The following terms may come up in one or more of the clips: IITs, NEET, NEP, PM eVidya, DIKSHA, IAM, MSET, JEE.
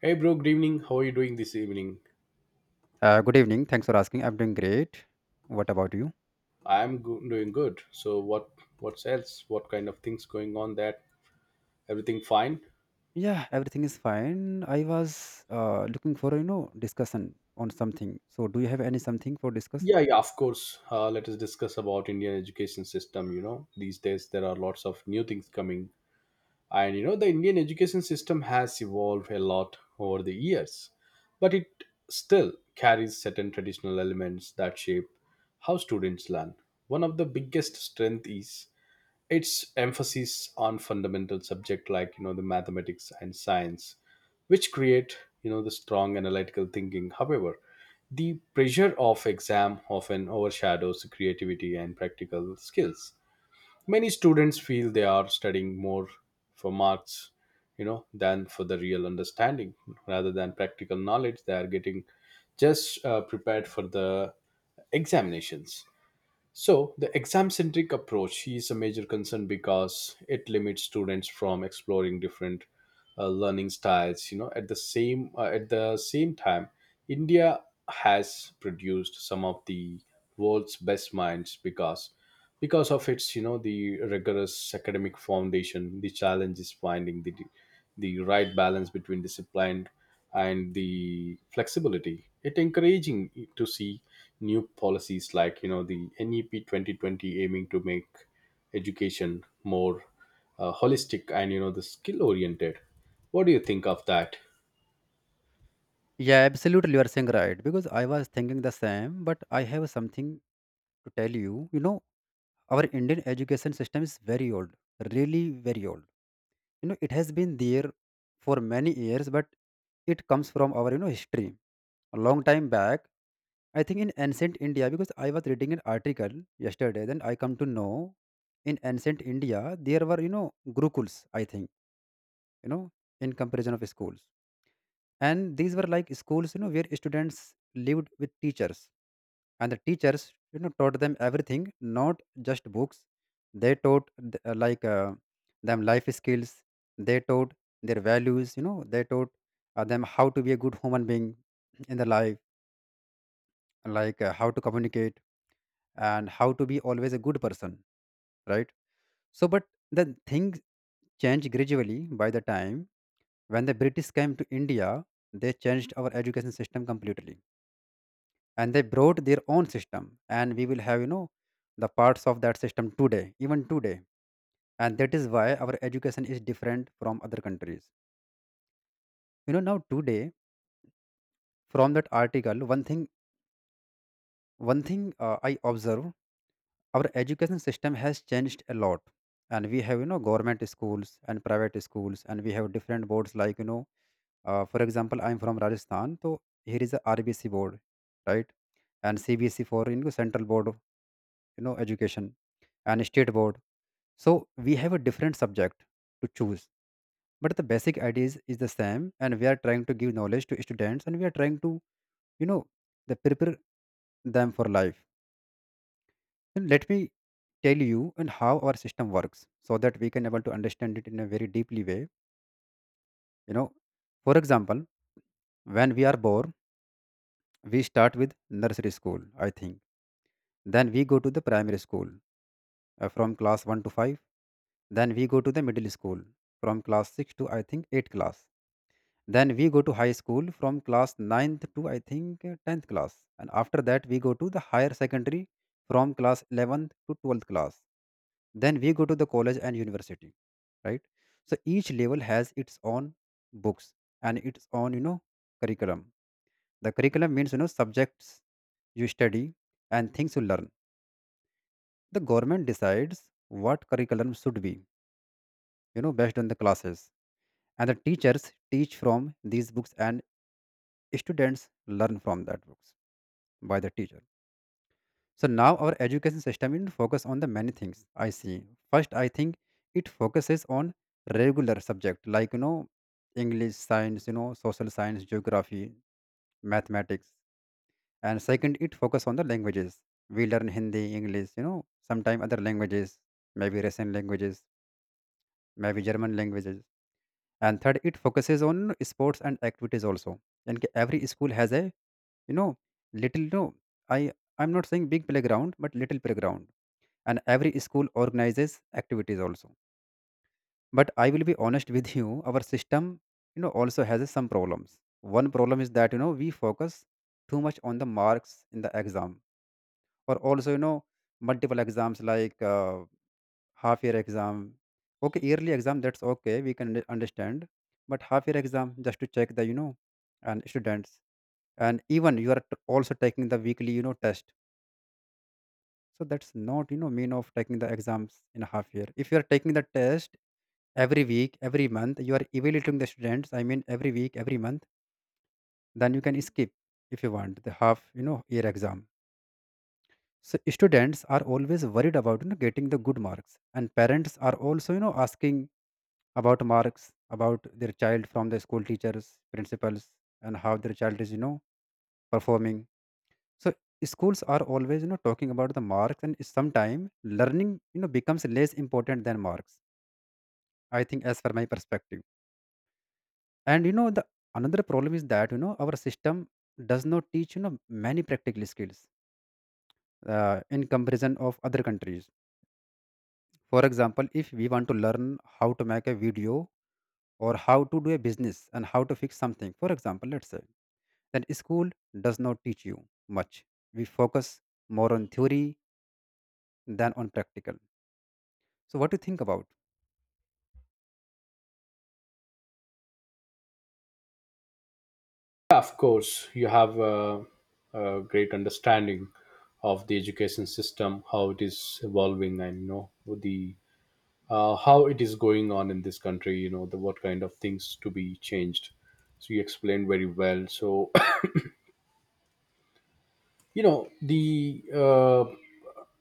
Hey bro, good evening. How are you doing this evening? Good evening. Thanks for asking. I'm doing great. What about you? Doing good. So what's else? What kind of things going on that? Everything fine? Yeah, everything is fine. I was looking for discussion on something. So, do you have any something for discuss? Yeah, yeah, of course. Let us discuss about Indian education system. You know, these days there are lots of new things coming, and you know the Indian education system has evolved a lot over the years, but it still carries certain traditional elements that shape how students learn. One of the biggest strength is its emphasis on fundamental subject like you know the mathematics and science, which create you know the strong analytical thinking. However, the pressure of exam often overshadows creativity and practical skills. Many students feel they are studying more for marks, you know, than for the real understanding. Rather than practical knowledge, they are getting just prepared for the examinations. So the exam centric approach is a major concern because it limits students from exploring different learning styles. You know, at the same time, India has produced some of the world's best minds because of its you know the rigorous academic foundation. The challenge is finding the right balance between discipline and the flexibility it encouraging to see new policies like you know the NEP 2020 aiming to make education more holistic and you know the skill oriented. What do you think of that? Yeah, absolutely. You are saying right because I was thinking the same, but I have something to tell you. You know, our Indian education system is very old, really very old. You know, it has been there for many years, but it comes from our, you know, history a long time back. I think in ancient India, because I was reading an article yesterday, then I come to know in ancient India there were, you know, gurukuls, I think, you know, in comparison of schools. And these were like schools, you know, where students lived with teachers, and the teachers, you know, taught them everything, not just books. They taught them life skills. They taught their values. You know, they taught them how to be a good human being in the life, like how to communicate and how to be always a good person, right? So, but the things changed gradually by the time when the British came to India. They changed our education system completely, and they brought their own system, and we will have, you know, the parts of that system today, even today. And that is why our education is different from other countries, you know, now today. From that article, one thing, one thing I observe, our education system has changed a lot, and we have, you know, government schools and private schools, and we have different boards like, you know, for example, I'm from Rajasthan, so here is a RBC board, right? And CBC for, you know, central board of, you know, education, and state board. So we have a different subject to choose, but the basic ideas is the same, and we are trying to give knowledge to students, and we are trying to, you know, the prepare them for life. And let me tell you and how our system works, so that we can able to understand it in a very deeply way. You know, for example, when we are born, we start with nursery school, I think. Then we go to the primary school from class one to five. Then we go to the middle school from class six to I think eight class. Then we go to high school from class ninth to I think 10th class. And after that, we go to the higher secondary from class 11th to 12th class. Then we go to the college and university, right? So each level has its own books and its own, you know, curriculum. The curriculum means, you know, subjects you study and things you learn. The government decides what curriculum should be, you know, based on the classes. And the teachers teach from these books, and students learn from that books by the teacher. So now our education system is focus on the many things I see. First, I think it focuses on regular subject like, you know, English, science, you know, social science, geography, mathematics. And second, it focus on the languages. We learn Hindi, English, you know, sometime other languages, maybe Russian languages, maybe German languages. And third, it focuses on sports and activities also. And every school has a, you know, little, no, i I'm not saying big playground, but little playground. And every school organizes activities also. But I will be honest with you, our system, you know, also has some problems. One problem is that, you know, we focus too much on the marks in the exam. Or also, you know, multiple exams like half year exam. Okay, yearly exam, that's okay, we can understand. But half year exam, just to check the, you know, and students, and even you are also taking the weekly, you know, test. So that's not, you know, mean of taking the exams in a half year. If you are taking the test every week, every month, you are evaluating the students. I mean, every week, every month, then you can skip if you want the half, you know, year exam. So students are always worried about, you know, getting the good marks, and parents are also, you know, asking about marks about their child from the school teachers, principals, and how their child is, you know, performing. So schools are always, you know, talking about the marks, and sometime learning, you know, becomes less important than marks. I think, as for my perspective. And you know, the another problem is that, you know, our system does not teach, you know, many practical skills in comparison of other countries. For example, if we want to learn how to make a video or how to do a business and how to fix something, for example, let's say, then school does not teach you much. We focus more on theory than on practical. So, what do you think about? Yeah, of course, you have a great understanding of the education system, how it is evolving, and you know the how it is going on in this country. You know the what kind of things to be changed. So you explained very well. So you know the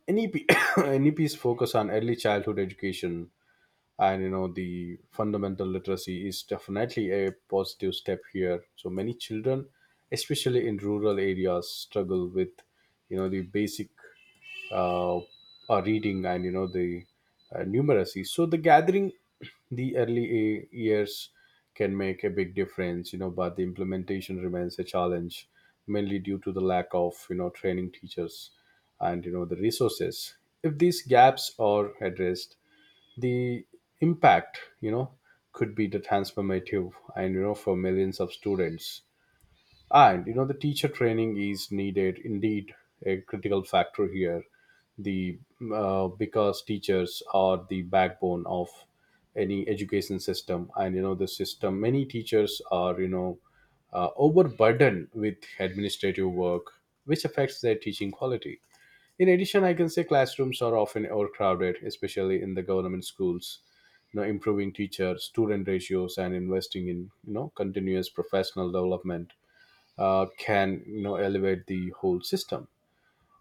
NEP NEP's focus on early childhood education and you know the fundamental literacy is definitely a positive step here. So many children, especially in rural areas, struggle with you know the basic reading and you know the numeracy. So the gathering the years can make a big difference, you know, but the implementation remains a challenge, mainly due to the lack of you know training teachers and you know the resources. If these gaps are addressed, the impact, you know, could be the transformative and you know for millions of students. And you know the teacher training is needed indeed a critical factor here. The Because teachers are the backbone of any education system, and you know the system many teachers are overburdened with administrative work, which affects their teaching quality. In addition, I can say classrooms are often overcrowded, especially in the government schools. You know, improving teacher-student ratios and investing in you know continuous professional development can you know elevate the whole system.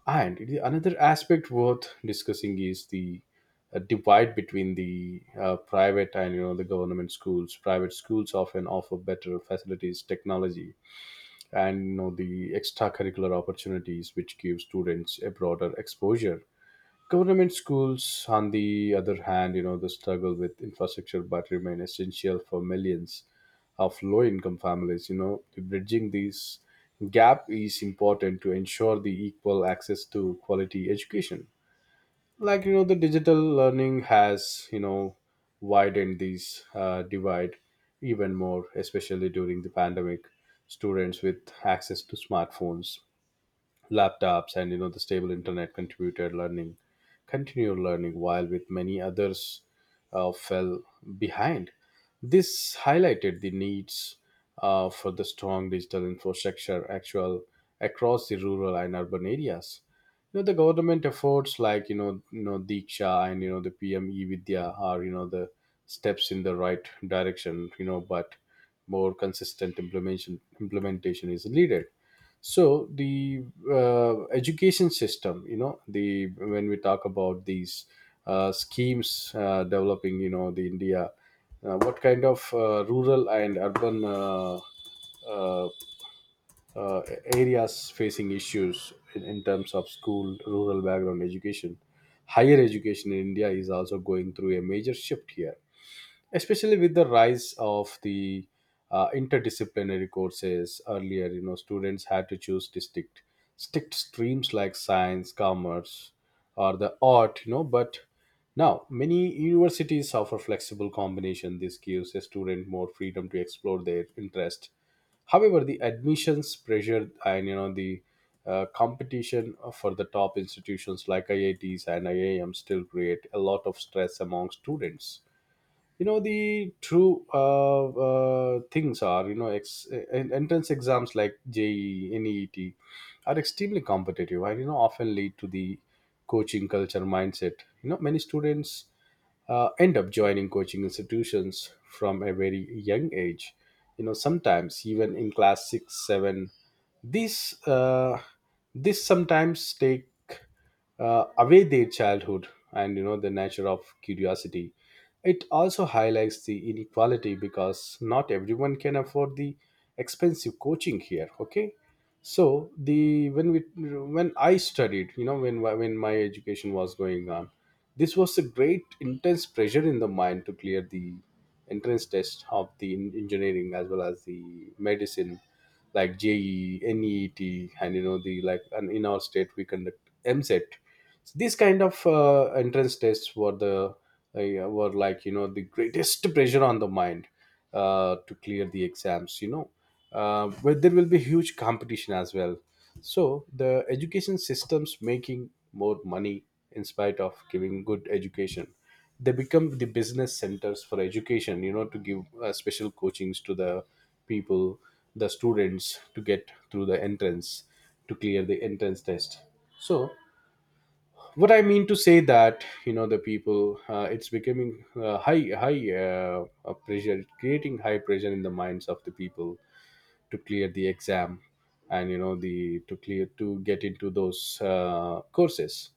And the another aspect worth discussing is the divide between the private and you know the government schools. Private schools often offer better facilities, technology, and you know the extracurricular opportunities, which give students a broader exposure. Government schools, on the other hand, you know, they struggle with infrastructure but remain essential for millions of low income families. You know, bridging this gap is important to ensure the equal access to quality education. Like, you know, the digital learning has, you know, widened this divide even more, especially during the pandemic. Students with access to smartphones, laptops and you know the stable internet contributed learning continued learning while with many others fell behind. This highlighted the needs for the strong digital infrastructure actual across the rural and urban areas. You know the government efforts like you know Diksha and you know the PM Evidya are you know the steps in the right direction, you know, but more consistent implementation is needed. So the education system, you know the when we talk about these schemes developing you know the India, what kind of rural and urban uh, uh, areas facing issues in terms of school rural background education. Higher education in India is also going through a major shift here, especially with the rise of the interdisciplinary courses. Earlier, you know, students had to choose distinct strict streams like science, commerce or the art, you know, but now many universities offer flexible combination. This gives a student more freedom to explore their interest. However, the admissions pressure and you know the competition for the top institutions like IITs and IAM still create a lot of stress among students. You know the true things are, you know, entrance exams like JEE, NEET are extremely competitive and you know often lead to the coaching culture mindset. You know, many students end up joining coaching institutions from a very young age. You know, sometimes even in class six, seven, this uh, this sometimes take away their childhood and you know the nature of curiosity. It also highlights the inequality because not everyone can afford the expensive coaching here. Okay, so the when I studied, you know, when my education was going on, this was a great intense pressure in the mind to clear the entrance test of the engineering as well as the medicine like JEE, NEET, and you know the like. And in our state, we conduct MSET. So these kind of entrance tests were the were like you know the greatest pressure on the mind to clear the exams. You know, but there will be huge competition as well. So the education systems making more money in spite of giving good education, they become the business centers for education, you know, to give special coachings to the people, the students, to get through the entrance to clear the entrance test. So what I mean to say that you know the people, it's becoming high high pressure creating high pressure in the minds of the people to clear the exam and you know the to clear to get into those courses.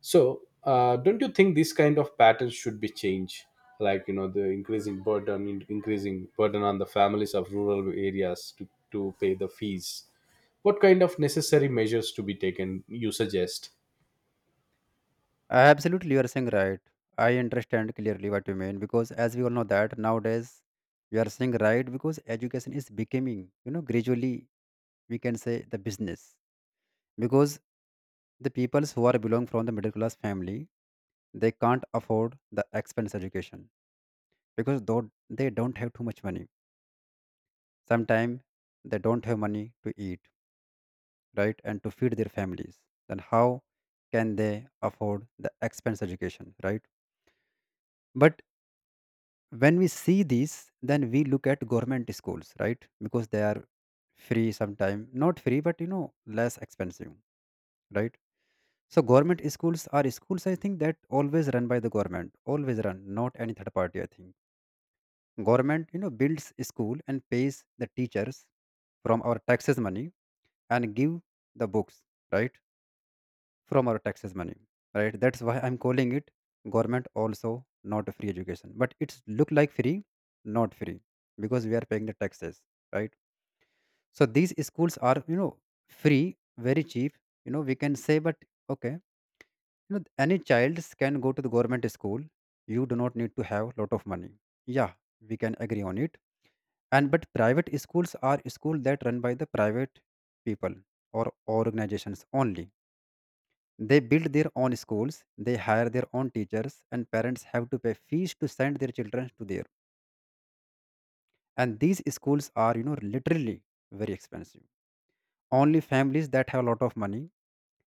So don't you think this kind of patterns should be changed, like you know the increasing burden on the families of rural areas to pay the fees? What kind of necessary measures to be taken you suggest? Absolutely, you are saying right. I understand clearly what you mean because, as we all know, that nowadays you are saying right because education is becoming, you know, gradually we can say the business. Because the peoples who are belong from the middle class family, they can't afford the expense education, because though they don't have too much money. Sometimes they don't have money to eat, right, and to feed their families. Then how can they afford the expense education, right? But when we see these, then we look at government schools, right? Because they are free, sometime not free, but you know, less expensive, right? So government schools are schools, I think, that always run by the government. Always run, not any third party, I think. Government, you know, builds school and pays the teachers from our taxes money, and give the books, right, from our taxes money, right? That's why I'm calling it government also not a free education, but it's look like free. Not free, because we are paying the taxes, right? So these schools are, you know, free, very cheap, you know, we can say. But okay, you know, any child can go to the government school. You do not need to have lot of money. Yeah, we can agree on it. And but private schools are school that run by the private people or organizations only. They build their own schools, they hire their own teachers, and parents have to pay fees to send their children to there. And these schools are, you know, literally very expensive. Only families that have a lot of money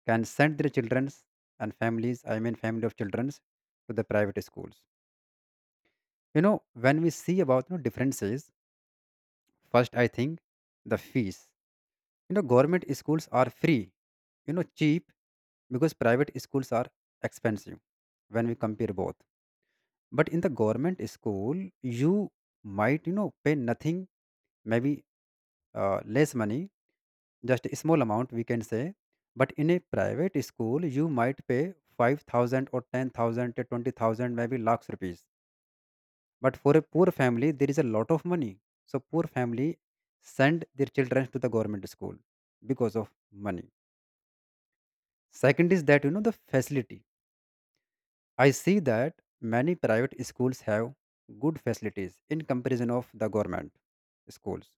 can send their childrens, and families, I mean, family of childrens, to the private schools. You know, when we see about, you know, differences, first I think the fees. You know, government schools are free, you know, cheap, because private schools are expensive when we compare both. But in the government school, you might, you know, pay nothing, maybe less money, just a small amount we can say. But in a private school, you might pay 5,000 or 10,000 to 20,000, maybe lakhs rupees, but for a poor family there is a lot of money. So poor family send their children to the government school because of money. Second is that, you know, the facility. I see that many private schools have good facilities in comparison of the government schools.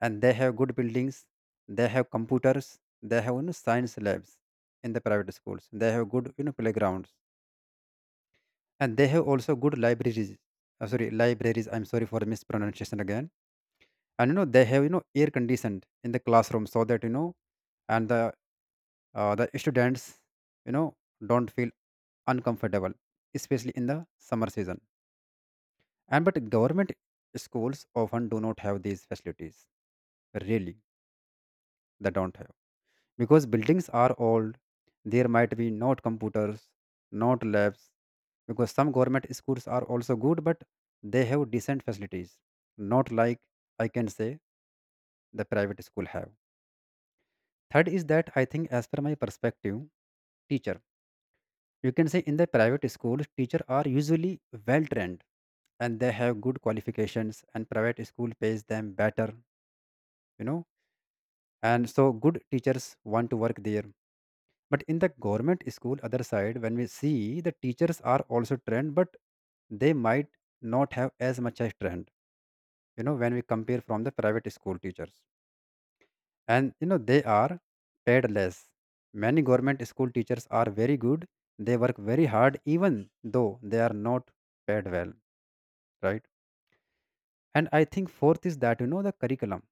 And they have good buildings, they have computers, they have, you know, science labs in the private schools. They have good, you know, playgrounds. And they have also good libraries. Sorry, libraries. I'm sorry for the mispronunciation again. And you know, they have, you know, air conditioned in the classroom, so that you know, and the students, you know, don't feel uncomfortable, especially in the summer season. And but government schools often do not have these facilities. Really, they don't have. Because buildings are old, there might be not computers, not labs. Because some government schools are also good, but they have decent facilities. Not like I can say the private school have. Third is that I think as per my perspective, teacher. You can say in the private schools, teacher are usually well trained, and they have good qualifications, and private school pays them better, you know and so good teachers want to work there. But in the government school other side, when we see, the teachers are also trained, but they might not have as much as trained, when we compare from the private school teachers. And they are paid less. Many government school teachers are very good. They work very hard even though they are not paid well, right? And I think fourth is that, the curriculum,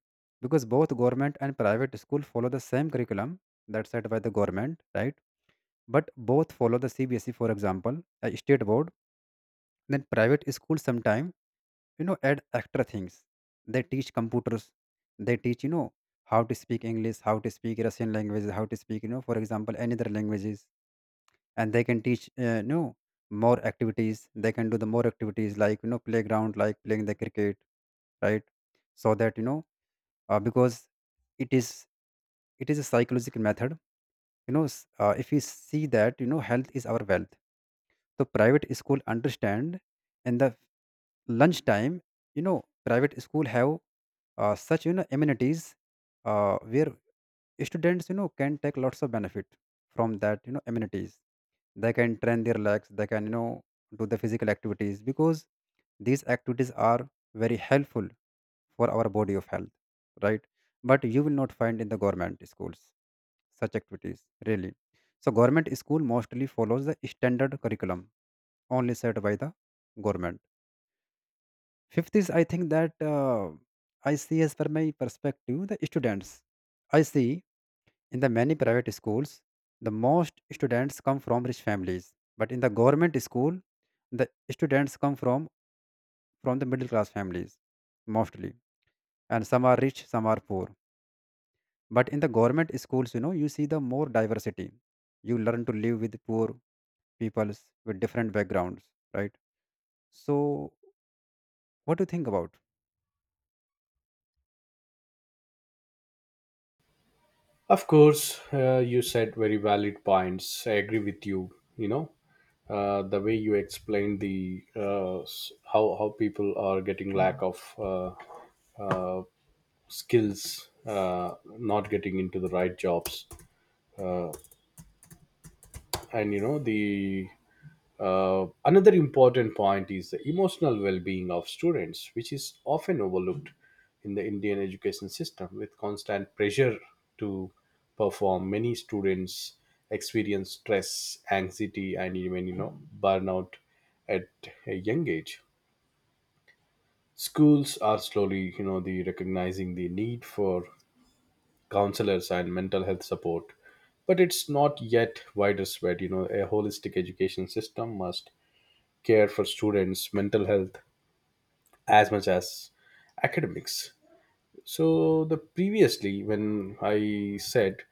because both government and private school follow the same curriculum that's set by the government, right? But both follow the CBSE, for example, a state board. Then private school sometimes, add extra things. They teach computers. They teach, how to speak English, how to speak Russian languages, how to speak, for example, any other languages. And they can teach, more activities. They can do the more activities, like playground, like playing the cricket, right? So that, because it is it is a psychological method. If we see that, health is our wealth. So private school understand in the lunchtime, you know private school have, such, amenities, where students, can take lots of benefit from that, amenities. They can train their legs, they can, do the physical activities, because these activities are very helpful for our body of health, right? But you will not find in the government schools such activities, really. So government school mostly follows the standard curriculum only set by the government. Fifth is, I think that, I see as per my perspective, the students, I see in the many private schools, the most students come from rich families. But in the government school, the students come from the middle class families, mostly. And some are rich, some are poor. But in the government schools, you see the more diversity. You learn to live with poor peoples with different backgrounds, right? So, what do you think about? Of course, you said very valid points. I agree with you. You know, the way you explained the how people are getting lack of uh, skills, not getting into the right jobs, and you know the another important point is the emotional well-being of students, which is often overlooked in the Indian education system. With constant pressure to perform, many students experience stress, anxiety, and even you know burnout at a young age. Schools are slowly, you know, the recognizing the need for counselors and mental health support, but it's not yet widespread. You know, a holistic education system must care for students' mental health as much as academics. So the previously, when I said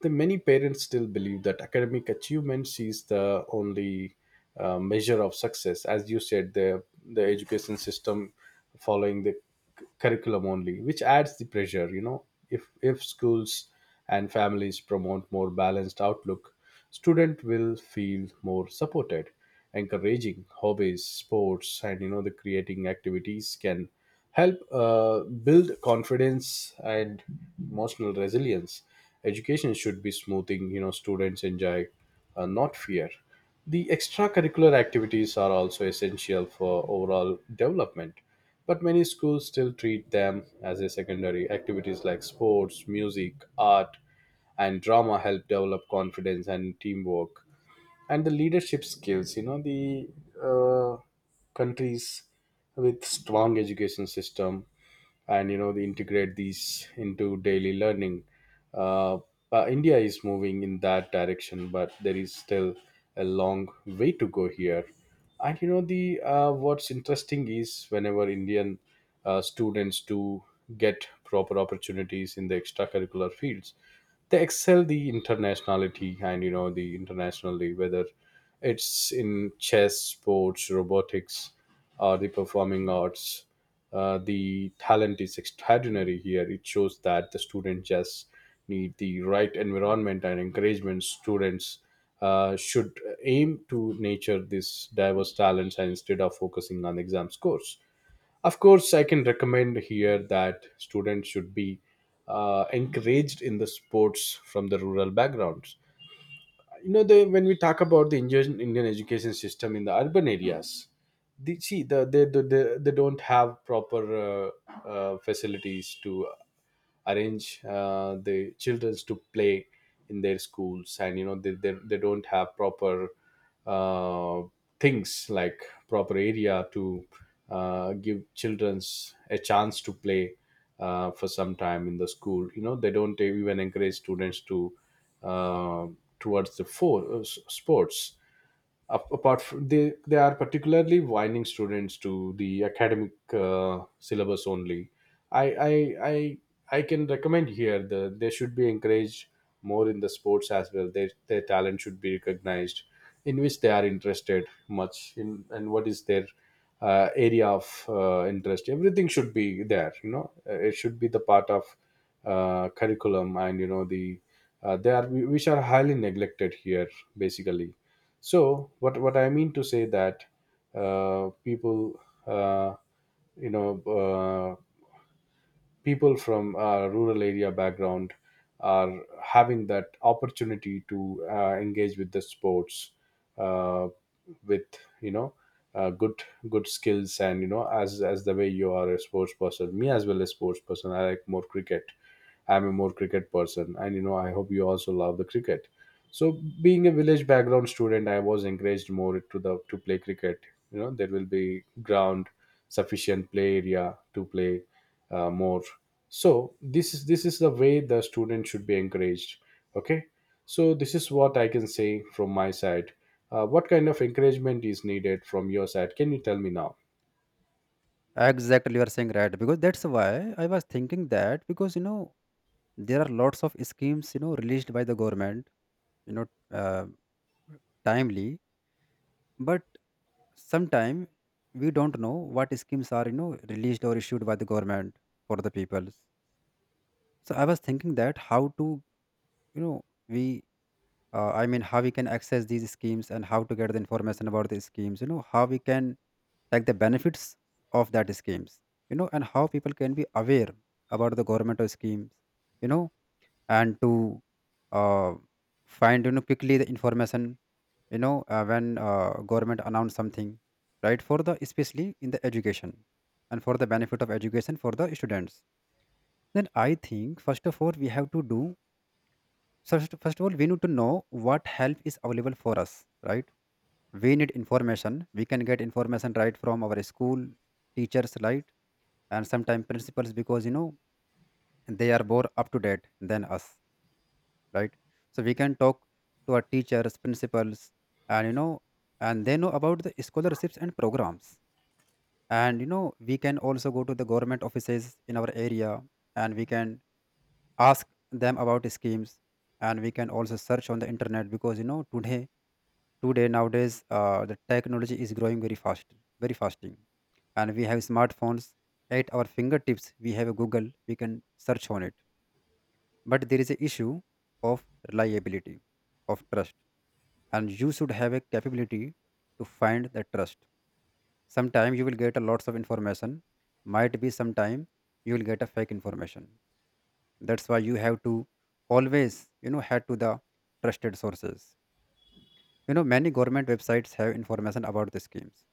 the many parents still believe that academic achievements is the only measure of success. As you said, the education system following the curriculum only, which adds the pressure. You know, if schools and families promote more balanced outlook, student will feel more supported, encouraging hobbies, sports and you know the creating activities can help build confidence and emotional resilience. Education should be smoothing you know students enjoy, not fear. The extracurricular activities are also essential for overall development, but many schools still treat them as a secondary activities like sports, music, art and drama help develop confidence and teamwork and the leadership skills. You know the uh, countries with strong education system and you know they integrate these into daily learning. uh, India is moving in that direction, but there is still a long way to go here. And you know the what's interesting is whenever Indian students do get proper opportunities in the extracurricular fields, they excel the internationality and you know the internationally, whether it's in chess, sports, robotics or the performing arts. The talent is extraordinary here. It shows that the students just need the right environment and encouragement. Students should aim to nurture this diverse talents and instead of focusing on exam scores. Of course, I can recommend here that students should be encouraged in the sports from the rural backgrounds. When we talk about the Indian education system in the urban areas, the, see, the, they don't have proper facilities to arrange the childrens to play in their schools. And they don't have proper uh, things like proper area to give childrens a chance to play for some time in the school. You know they don't even encourage students to uh, towards the for, s- sports. Apart from, they are particularly winding students to the academic syllabus only. I, I i I can recommend here they should be encouraged more in the sports as well. Their talent should be recognized in which they are interested much in, and what is their area of interest. Everything should be there. It should be the part of curriculum. And they are which are highly neglected here basically. So what I mean to say that people uh, you know uh, people from rural area background are having that opportunity to engage with the sports, uh, with you know uh, good good skills. And as the way you are a sports person, me as well as sports person, I like more cricket. I'm a more cricket person, and I hope you also love the cricket. So being a village background student, I was encouraged more to play cricket. You know there will be ground, sufficient play area to play more. So this is the way the student should be encouraged. Okay, so this is what I can say from my side. What kind of encouragement is needed from your side? Can you tell me now? Exactly, you are saying right, because that's why I was thinking that, because, there are lots of schemes, released by the government, you know, uh, timely, but sometime we don't know what schemes are, released or issued by the government for the peoples. So I was thinking that how to, you know we I mean how we can access these schemes and how to get the information about the schemes, how we can take the benefits of that schemes, and how people can be aware about the government of schemes, you know and to, uh, find, quickly the information, when, government announce something, right, for the especially in the education and for the benefit of education for the students, then I think first of all we have to do. So, first of all, we need to know what help is available for us, right? We need information. We can get information right from our school teachers, right? And sometimes principals, because, they are more up to date than us, right? So we can talk to our teachers, principals, and, and they know about the scholarships and programs. And, we can also go to the government offices in our area, and we can ask them about schemes. And we can also search on the internet, because, Today, nowadays, the technology is growing very fast, very fasting, and we have smartphones at our fingertips. We have a Google, we can search on it. But there is a issue of reliability, of trust, and you should have a capability to find the trust. Sometime you will get a lots of information. Might be sometime you will get a fake information. That's why you have to always, head to the trusted sources. You know, many government websites have information about the schemes.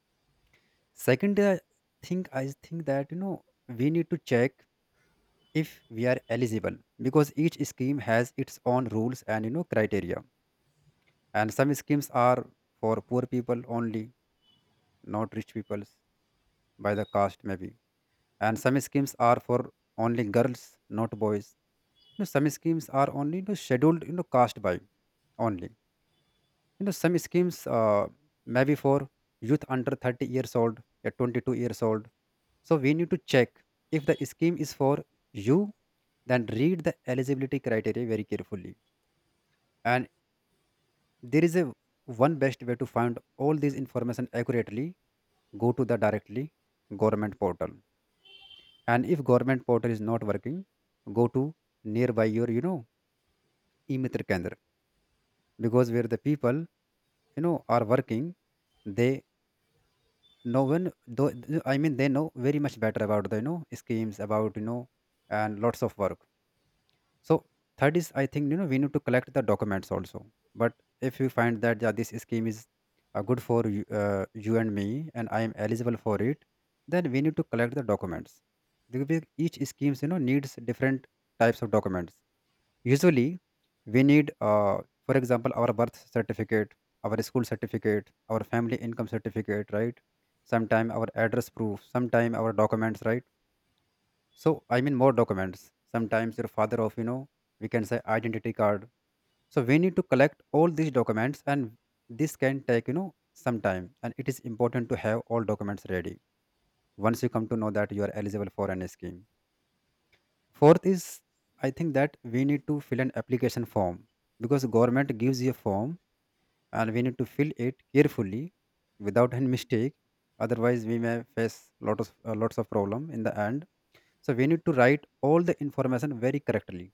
Second, thing, I think that, we need to check if we are eligible, because each scheme has its own rules and, criteria. And some schemes are for poor people only, not rich people, by the caste maybe. And some schemes are for only girls, not boys. You know, some schemes are only, scheduled, caste by only. You know, some schemes, maybe for youth under 30 years old, 22 years old. So we need to check if the scheme is for you, then read the eligibility criteria very carefully. And there is a one best way to find all this information accurately. Go to the directly government portal. And if government portal is not working, go to nearby your, e-mitra kendra, because where the people, are working, they no one though, I mean they know very much better about the, schemes about, and lots of work. So third is, I think, we need to collect the documents also. But if you find that, yeah, this scheme is, good for you, you and me and I am eligible for it, then we need to collect the documents, because each schemes, needs different types of documents. Usually, we need, for example, our birth certificate, our school certificate, our family income certificate, right? Sometime our address proof, sometime our documents, right? So I mean more documents. Sometimes your father of, we can say identity card. So we need to collect all these documents, and this can take, some time. And it is important to have all documents ready once you come to know that you are eligible for any scheme. Fourth is, I think that, we need to fill an application form, because government gives you a form and we need to fill it carefully without any mistake. Otherwise, we may face lot of, lots of problem in the end. So we need to write all the information very correctly,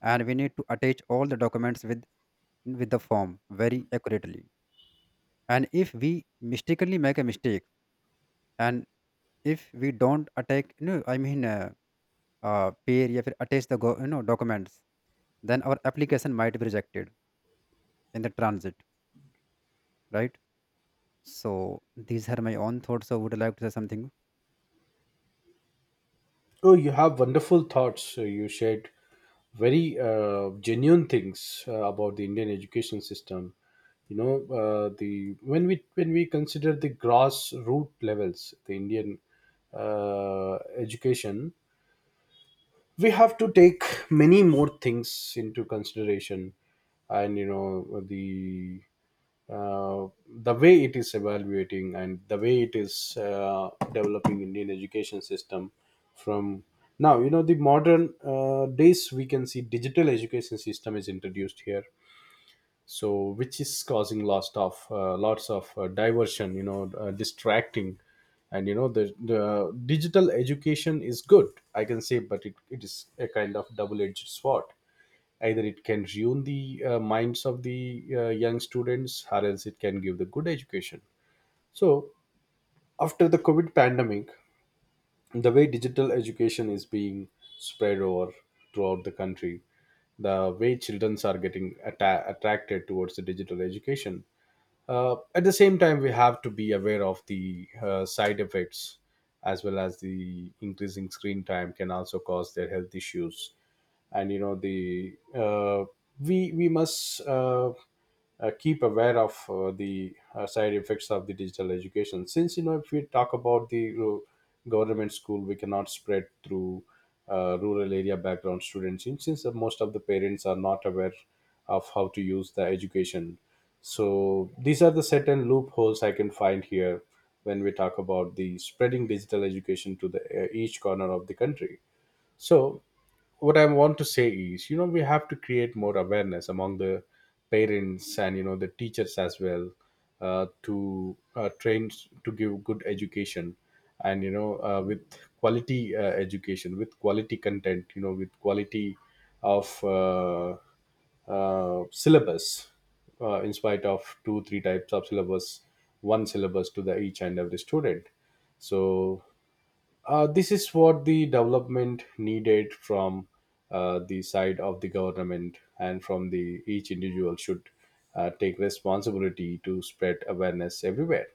and we need to attach all the documents with the form very accurately. And if we mistakenly make a mistake, and if we don't attack, no, I mean, pair या फिर attach the go, documents, then our application might be rejected in the transit, right? So these are my own thoughts. So would you like to say something? Oh, you have wonderful thoughts. You shared very genuine things about the Indian education system. You know the When we consider the grassroots levels, the Indian uh, education, we have to take many more things into consideration. And uh, the way it is evaluating and the way it is developing Indian education system from now, the modern days, we can see digital education system is introduced here. So which is causing lots of diversion, distracting. And the digital education is good, I can say, but it is a kind of double-edged sword. Either it can ruin the minds of the young students, or else it can give the good education. So after the COVID pandemic, the way digital education is being spread over throughout the country, the way children are getting attracted towards the digital education, at the same time, we have to be aware of the side effects, as well as the increasing screen time can also cause their health issues. And you know the we must keep aware of the side effects of the digital education. Since if we talk about the government school, we cannot spread through rural area background students. Since the most of the parents are not aware of how to use the education, so these are the certain loopholes I can find here when we talk about the spreading digital education to the each corner of the country. So what I want to say is, we have to create more awareness among the parents, and the teachers as well, to train, to give good education, and with quality education, with quality content, with quality of syllabus, in spite of 2-3 types of syllabus, one syllabus to the each and every student. So this is what the development needed from the side of the government, and from the each individual should take responsibility to spread awareness everywhere.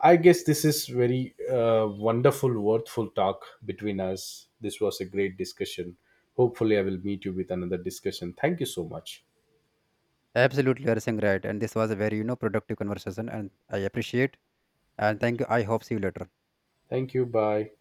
I guess this is very wonderful, worthful talk between us. This was a great discussion. Hopefully, I will meet you with another discussion. Thank you so much. Absolutely, you are saying right. And this was a very, productive conversation, and I appreciate. And thank you. I hope see you later. Thank you. Bye.